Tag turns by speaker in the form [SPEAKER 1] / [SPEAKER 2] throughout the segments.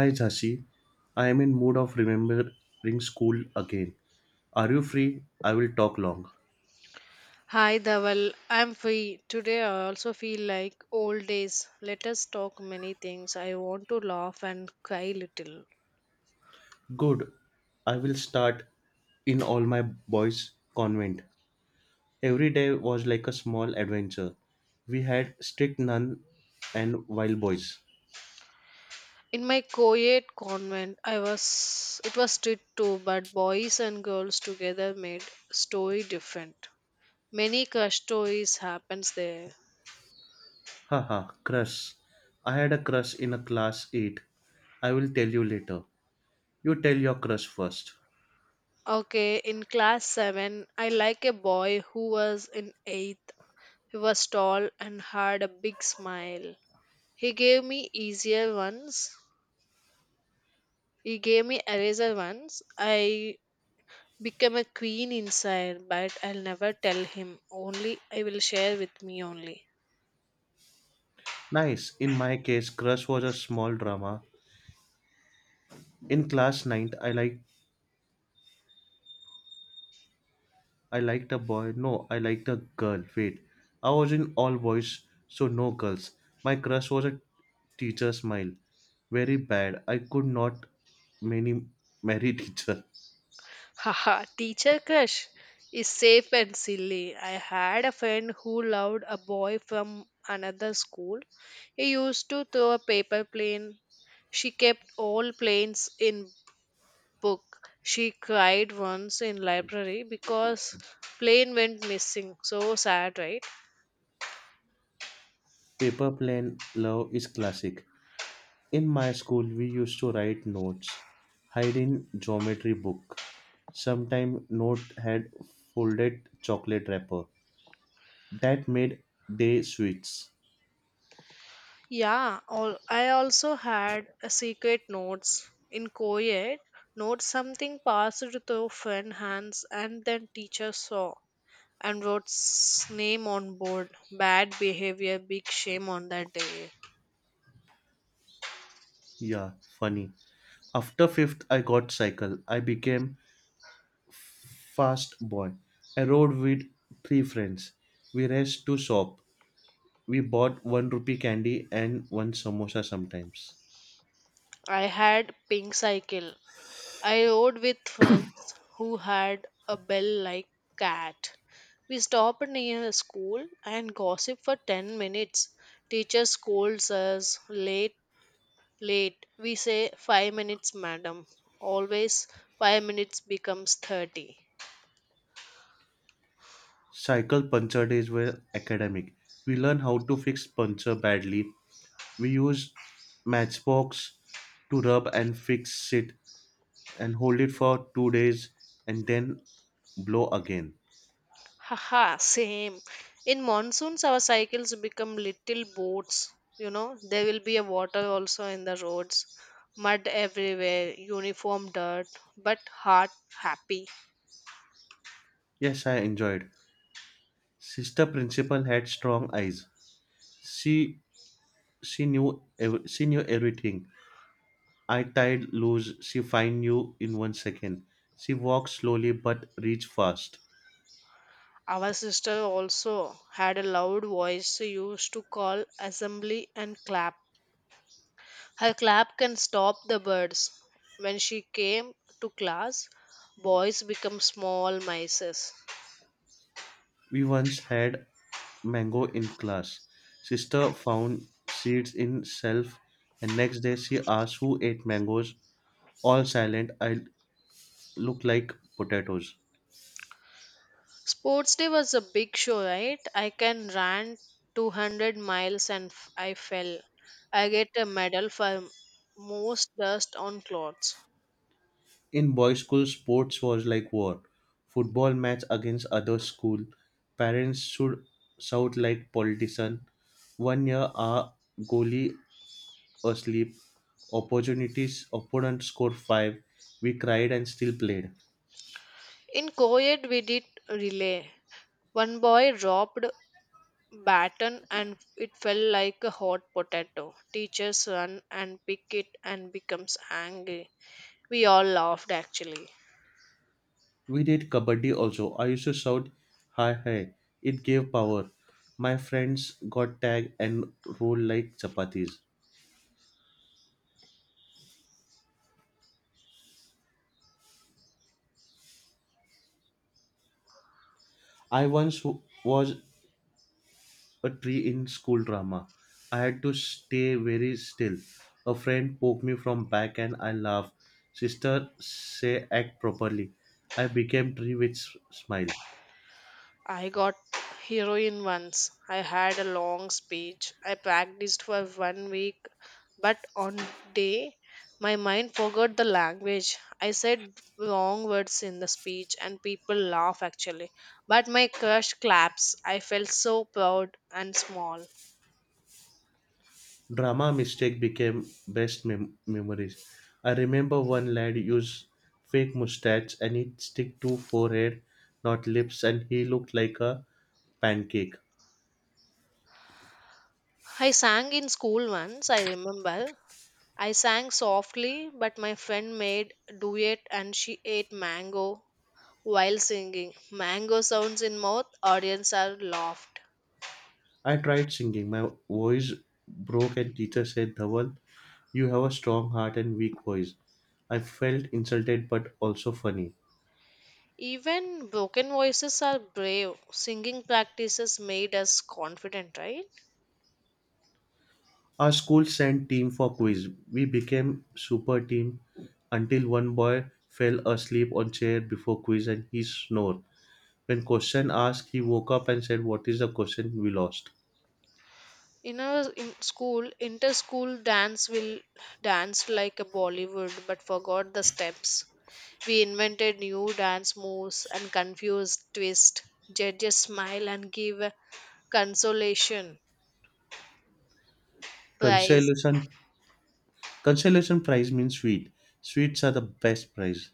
[SPEAKER 1] Hi Jasi, I am in mood of remembering school again. Are you free? I will talk long.
[SPEAKER 2] Hi Dhaval, I'm free. Today I also feel like old days. Let us talk many things. I want to laugh and cry little.
[SPEAKER 1] Good. I will start in all my boys convent. Every day was like a small adventure. We had strict nun and wild boys.
[SPEAKER 2] In my co-ed convent, I was it was strict too, but boys and girls together made story different. Many crush stories happens there.
[SPEAKER 1] Haha, crush. I had a crush in a class 8. I will tell you later. You tell your crush first.
[SPEAKER 2] Okay, in class 7, I like a boy who was in 8th. He was tall and had a big smile. He gave me easier ones He gave me eraser once. I became a queen inside, but I'll never tell him. Only I will share with me only.
[SPEAKER 1] Nice. In my case, crush was a small drama. In class 9, I liked a boy. No, I liked a girl. Wait, I was in all boys, so no girls. My crush was a teacher smile. Very bad. I could not many marry teacher.
[SPEAKER 2] Haha, teacher crush is safe and silly. I had a friend who loved a boy from another school. He used to throw a paper plane. She kept all planes in book. She cried once in library because plane went missing. So sad, right?
[SPEAKER 1] Paper plane love is classic. In my school, we used to write notes, hide in geometry book. Sometime note had folded chocolate wrapper. That made day sweets.
[SPEAKER 2] Yeah, I also had a secret notes in co-ed. Notes something passed through friend hands and then teacher saw and wrote name on board. Bad behavior, big shame on that day.
[SPEAKER 1] Yeah, funny. After fifth, I got cycle. I became fast boy. I rode with three friends. We raced to shop. We bought one rupee candy and one samosa sometimes.
[SPEAKER 2] I had pink cycle. I rode with friends who had a bell like cat. We stopped near a school and gossip for 10 minutes. Teacher scolds us late. Late, we say 5 minutes, madam. Always 5 minutes becomes 30.
[SPEAKER 1] Cycle puncture days were academic. We learned how to fix puncture badly. We used matchbox to rub and fix it and hold it for 2 days and then blow again.
[SPEAKER 2] Haha, same. In monsoons, our cycles become little boats. There will be a water also in the roads, mud everywhere, uniform dirt, but heart happy.
[SPEAKER 1] Yes, I enjoyed. Sister principal had strong eyes. She she knew she knew everything. I tied loose. She find you in 1 second. She walked slowly but reached fast.
[SPEAKER 2] Our sister also had a loud voice she used to call assembly and clap. Her clap can stop the birds. When she came to class, boys become small mices.
[SPEAKER 1] We once had mango in class. Sister found seeds in shelf, and next day she asked who ate mangoes. All silent. I look like potatoes.
[SPEAKER 2] Sports day was a big show, right? I can run 200 miles and I fell. I get a medal for most dust on clothes.
[SPEAKER 1] In boys' school, sports was like war. Football match against other school. Parents should shout like politician. One year, our goalie asleep. Opponent scored five. We cried and still played.
[SPEAKER 2] In co-ed, we did relay. One boy dropped baton and it fell like a hot potato. Teachers run and pick it and becomes angry. We all laughed actually.
[SPEAKER 1] We did kabaddi also. I used to shout, hi hi. It gave power. My friends got tagged and rolled like chapatis. I once was a tree in school drama. I had to stay very still. A friend poked me from back and I laughed. Sister say act properly. I became tree with smile.
[SPEAKER 2] I got heroin once. I had a long speech. I practiced for one week, but on day my mind forgot the language. I said wrong words in the speech and people laugh actually. But my crush claps. I felt so proud and small.
[SPEAKER 1] Drama mistake became best memories. I remember one lad used fake mustache and it stick to forehead, not lips, and he looked like a pancake.
[SPEAKER 2] I sang in school once, I remember. I sang softly, but my friend made duet and she ate mango while singing. Mango sounds in mouth, audience are laughed.
[SPEAKER 1] I tried singing. My voice broke and teacher said, "Dhawal, you have a strong heart and weak voice." I felt insulted but also funny.
[SPEAKER 2] Even broken voices are brave. Singing practices made us confident, right?
[SPEAKER 1] Our school sent team for quiz. We became super team until one boy fell asleep on chair before quiz and he snored. When question asked, he woke up and said, "What is the question we lost?"
[SPEAKER 2] In school, inter-school dance will danced like a Bollywood, but forgot the steps. We invented new dance moves and confused twist. Judges smile and give a consolation prize.
[SPEAKER 1] Consolation consolation prize means sweet. Sweets are the best prize.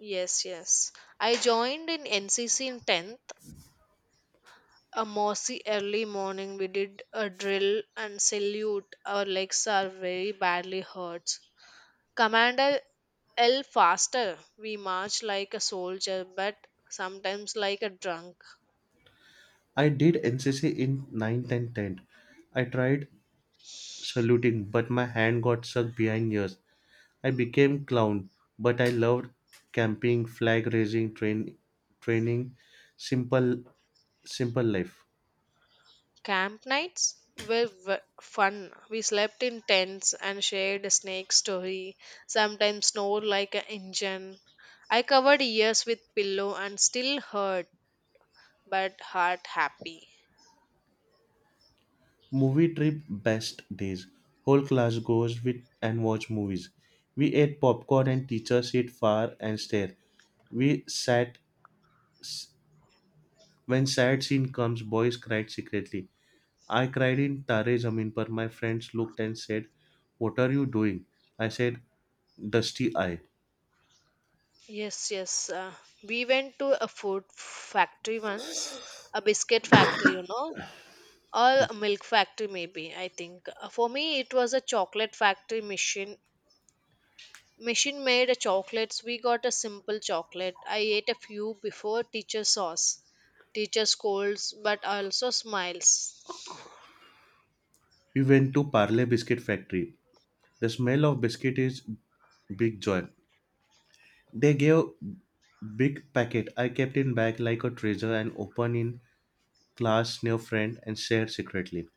[SPEAKER 2] Yes, yes. I joined in NCC in 10th. A mossy early morning, we did a drill and salute. Our legs are very badly hurt. Commander l faster, we march like a soldier, but sometimes like a drunk.
[SPEAKER 1] I did NCC in ninth and 10th. I tried saluting, but my hand got stuck behind yours. I became clown, but I loved camping, flag raising, training, simple simple life.
[SPEAKER 2] Camp nights were fun. We slept in tents and shared a snake story. Sometimes snored like an engine. I covered ears with pillow and still hurt, but heart happy.
[SPEAKER 1] Movie trip best days. Whole class goes with and watch movies. We ate popcorn and teacher sit far and stare. We sat when sad scene comes, boys cried secretly. I cried in Tare Zameen Par. My friends looked and said, "What are you doing?" I said, "Dusty eye."
[SPEAKER 2] Yes, yes. We went to a food factory once, a biscuit factory, or a milk factory, maybe. I think. For me, it was a chocolate factory machine. Machine made a chocolates. We got a simple chocolate. I ate a few before teacher sauce. Teacher scolds, but also smiles.
[SPEAKER 1] We went to Parle Biscuit Factory. The smell of biscuit is big joy. They gave big packet. I kept in bag like a treasure and open in class, new friend, and shared secretly.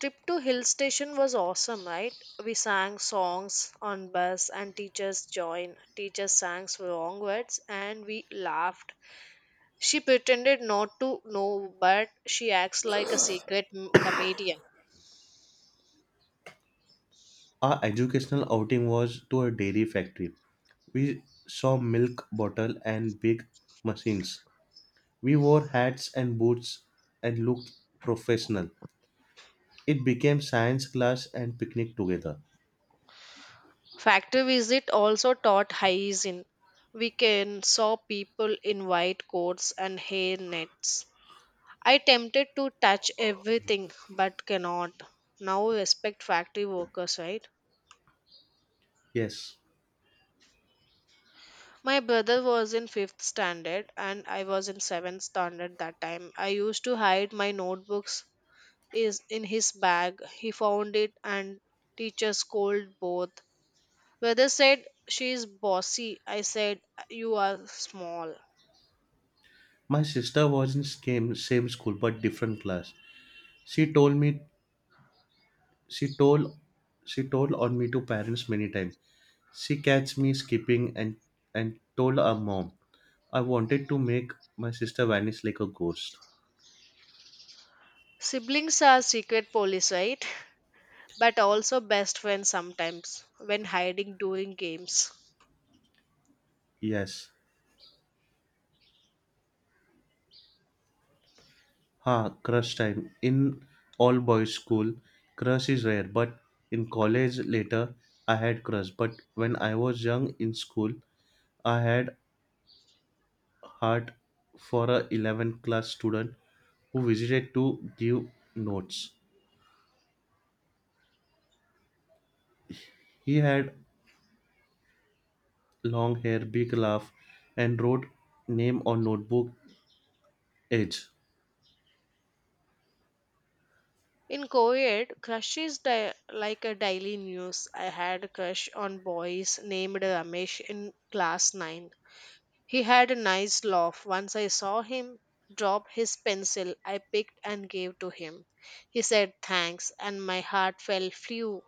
[SPEAKER 2] Trip to hill station was awesome, right? We sang songs on bus, and teachers joined. Teachers sang wrong words, and we laughed. She pretended not to know, but she acts like a secret comedian.
[SPEAKER 1] Our educational outing was to a dairy factory. We saw milk bottle and big machines. We wore hats and boots and looked professional. It became science class and picnic together.
[SPEAKER 2] Factory visit also taught hygiene. We can saw people in white coats and hair nets. I tempted to touch everything but cannot. Now respect factory workers, right?
[SPEAKER 1] Yes.
[SPEAKER 2] My brother was in fifth standard and I was in seventh standard that time. I used to hide my notebooks is in his bag. He found it and teacher scolded both. Brother said, she is bossy. I said, you are small.
[SPEAKER 1] My sister was in same school but different class. She told me she told she told on me to parents many times. She catch me skipping and told her mom I wanted to make my sister vanish like a ghost.
[SPEAKER 2] Siblings are secret police, right? But also best friends sometimes when hiding during games.
[SPEAKER 1] Yes. Ha, crush time. In all boys school, crush is rare, but in college later I had crush. But when I was young in school, I had heart for a 11th class student who visited to give notes. He had long hair, big laugh, and wrote name on notebook edge.
[SPEAKER 2] In co-ed, crush is like a daily news. I had a crush on boys named Ramesh in class 9. He had a nice laugh. Once I saw him drop his pencil, I picked and gave to him. He said thanks and my heart fell flew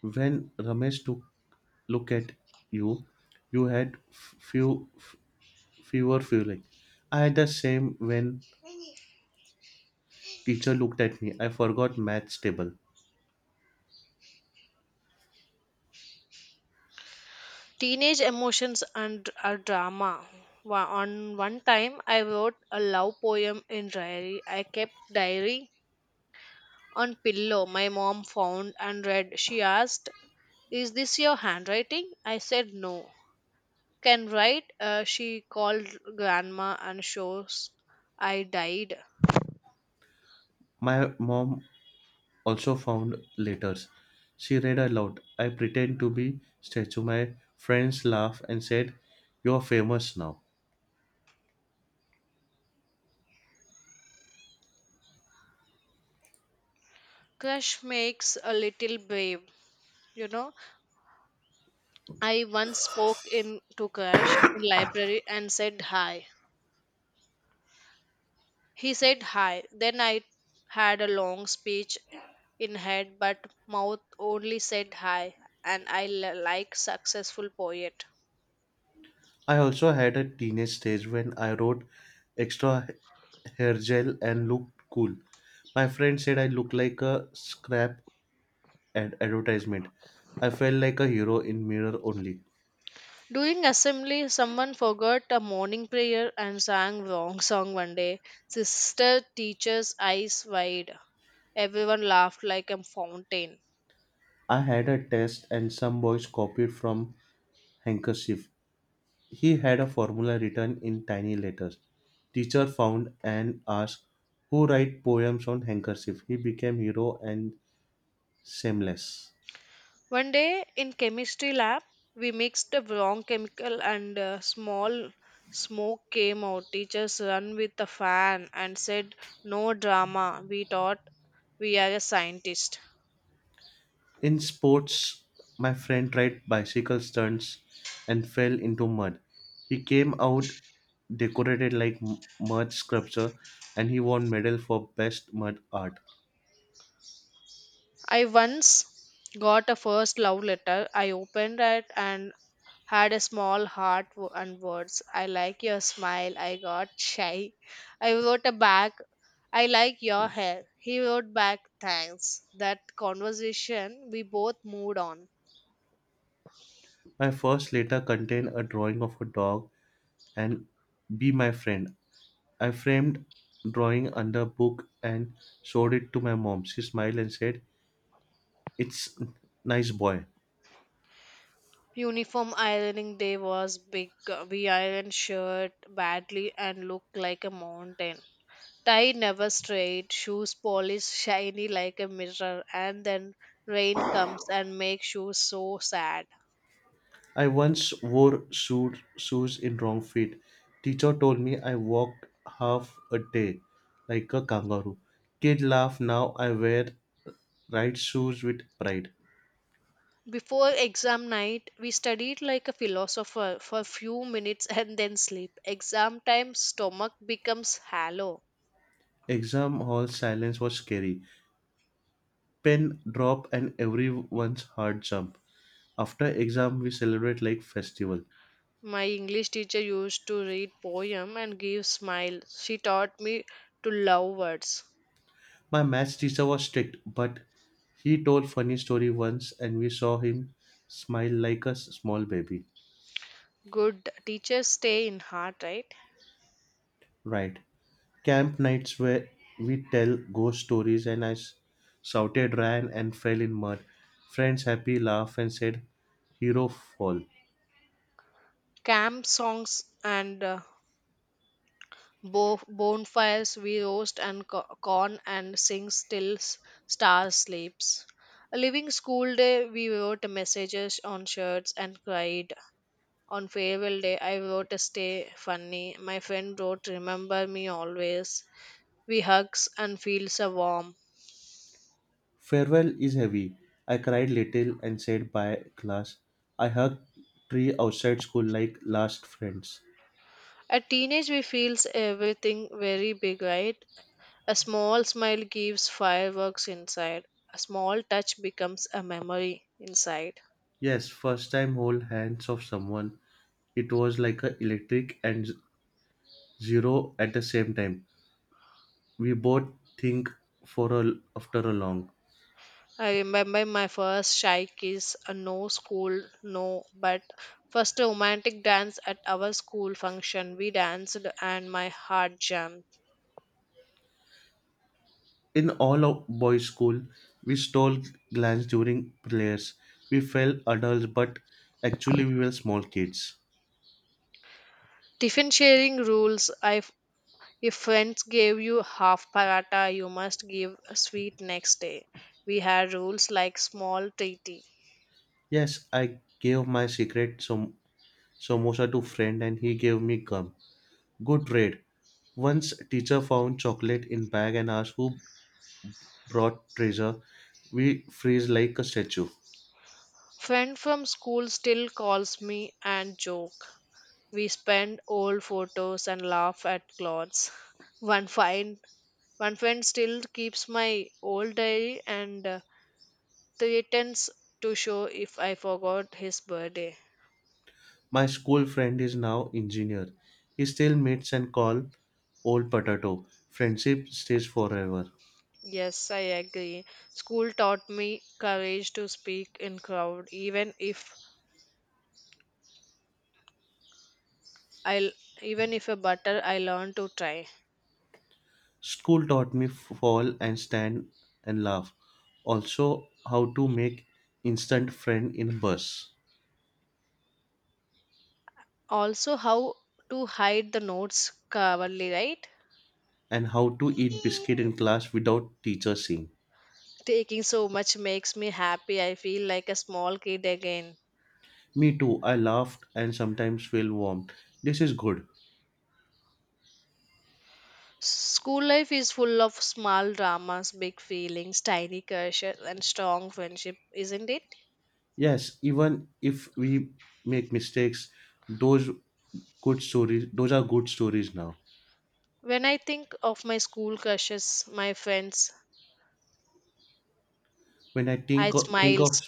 [SPEAKER 1] When Ramesh took look at you, you had fewer feeling. I had the same when teacher looked at me. I forgot maths table.
[SPEAKER 2] Teenage emotions and are drama. On one time, I wrote a love poem in diary. I kept diary on pillow my mom found and read. She asked, "Is this your handwriting?" I said, "No." Can write. She called grandma and shows I died.
[SPEAKER 1] My mom also found letters. She read aloud. I pretend to be statue. My friends laugh and said, "You're famous now."
[SPEAKER 2] Crush makes a little brave. You know, I once spoke in to crush in library and said hi. He said hi. Then I had a long speech in head, but mouth only said hi, and I like successful poet.
[SPEAKER 1] I also had a teenage stage when I wrote extra hair gel and looked cool. My friend said I looked like a scrap advertisement. I felt like a hero in mirror only.
[SPEAKER 2] During assembly, someone forgot a morning prayer and sang wrong song one day. Sister teacher's eyes wide. Everyone laughed like a fountain.
[SPEAKER 1] I had a test and some boys copied from handkerchief. He had a formula written in tiny letters. Teacher found and asked who write poems on handkerchief. He became hero and shameless.
[SPEAKER 2] One day in chemistry lab, we mixed the wrong chemical and small smoke came out. Teachers run with the fan and said, "No drama. We thought we are a scientist."
[SPEAKER 1] In sports, my friend tried bicycle stunts and fell into mud. He came out decorated like mud sculpture and he won medal for best mud art.
[SPEAKER 2] I once got a first love letter. I opened it and had a small heart and words. I like your smile. I got shy. I wrote a back. I like your hair. He wrote back thanks. That conversation, we both moved on.
[SPEAKER 1] My first letter contained a drawing of a dog and "Be My Friend." I framed drawing under a book and showed it to my mom. She smiled and said, "It's nice boy."
[SPEAKER 2] Uniform ironing day was big. We ironed shirt badly and looked like a mountain. Tie never straight, shoes polish shiny like a mirror, and then rain comes and makes shoes so sad.
[SPEAKER 1] I once wore shoes in wrong feet. Teacher told me I walked half a day like a kangaroo. Kid laugh now I wear right shoes with pride.
[SPEAKER 2] Before exam night, we studied like a philosopher for few minutes and then sleep. Exam time, stomach becomes hollow.
[SPEAKER 1] Exam hall silence was scary. Pen drop and everyone's heart jump. After exam, we celebrate like festival.
[SPEAKER 2] My English teacher used to read poem and give smile. She taught me to love words.
[SPEAKER 1] My maths teacher was strict, but he told funny story once, and we saw him smile like a small baby.
[SPEAKER 2] Good teachers stay in heart, right?
[SPEAKER 1] Right. Camp nights where we tell ghost stories, and I shouted, ran, and fell in mud. Friends happy laugh and said, "Hero fall."
[SPEAKER 2] Camp songs and bonfires, we roast and corn and sing till stars sleeps. A living school day, we wrote messages on shirts and cried. On farewell day, I wrote a stay funny. My friend wrote remember me always. We hugs and feels a warm.
[SPEAKER 1] Farewell is heavy. I cried little and said bye class. I hugged tree outside school like last friends.
[SPEAKER 2] At teenage we feels everything very big, right? A small smile gives fireworks inside. A small touch becomes a memory inside.
[SPEAKER 1] Yes, first time hold hands of someone. It was like a electric and zero at the same time. We both think for a after a long.
[SPEAKER 2] I remember my first shy kiss, a no school, no, but first romantic dance at our school function. We danced and my heart jumped.
[SPEAKER 1] In all of boys' school, we stole glance during prayers. We felt adults, but actually we were small kids.
[SPEAKER 2] Tiffin sharing rules. If friends gave you half paratha, you must give a sweet next day. We had rules like small treaty.
[SPEAKER 1] Yes, I gave my secret samosa to friend, and he gave me gum. Good trade. Once teacher found chocolate in bag and asked who brought treasure. We freeze like a statue.
[SPEAKER 2] Friend from school still calls me and joke. We spend old photos and laugh at clothes. One fine One friend still keeps my old diary and threatens to show if I forgot his birthday.
[SPEAKER 1] My school friend is now engineer. He still meets and call old potato. Friendship stays forever.
[SPEAKER 2] Yes, I agree. School taught me courage to speak in crowd, I even if a butter, I learned to try.
[SPEAKER 1] School taught me fall and stand and laugh. Also how to make instant friend in bus
[SPEAKER 2] Also, how to hide the notes coverly, right?
[SPEAKER 1] and how to eat biscuit in class without teacher seeing.
[SPEAKER 2] Taking so much makes me happy. I feel like a small kid again.
[SPEAKER 1] Me too. I laughed and sometimes feel warm. This is good.
[SPEAKER 2] School life is full of small dramas, big feelings, tiny crushes, and strong friendship, isn't it?
[SPEAKER 1] Yes, even if we make mistakes, those those are good stories now.
[SPEAKER 2] When I think of my school crushes, my friends,
[SPEAKER 1] When I
[SPEAKER 2] I
[SPEAKER 1] think of
[SPEAKER 2] smiles.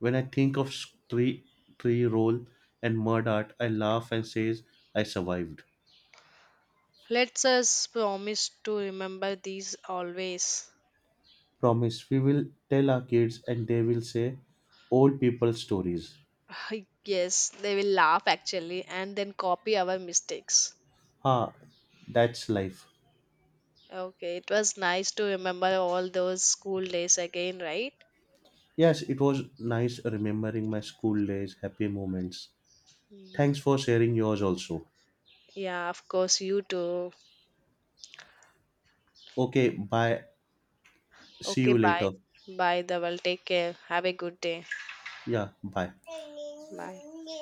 [SPEAKER 1] when I think of tree roll and mud art, I laugh and says I survived.
[SPEAKER 2] Let us promise to remember these always.
[SPEAKER 1] Promise, we will tell our kids and they will say old people stories.
[SPEAKER 2] Yes, they will laugh actually and then copy our mistakes.
[SPEAKER 1] Ah, that's life.
[SPEAKER 2] Okay, it was nice to remember all those school days again, right?
[SPEAKER 1] Yes, it was nice remembering my school days, happy moments.
[SPEAKER 2] Mm.
[SPEAKER 1] Thanks for sharing yours also.
[SPEAKER 2] Yeah, of course, you too.
[SPEAKER 1] Okay, bye. See
[SPEAKER 2] Okay,
[SPEAKER 1] you
[SPEAKER 2] bye.
[SPEAKER 1] later.
[SPEAKER 2] Bye, Dhaval. Take care. Have a good day.
[SPEAKER 1] Yeah, bye.
[SPEAKER 2] Bye.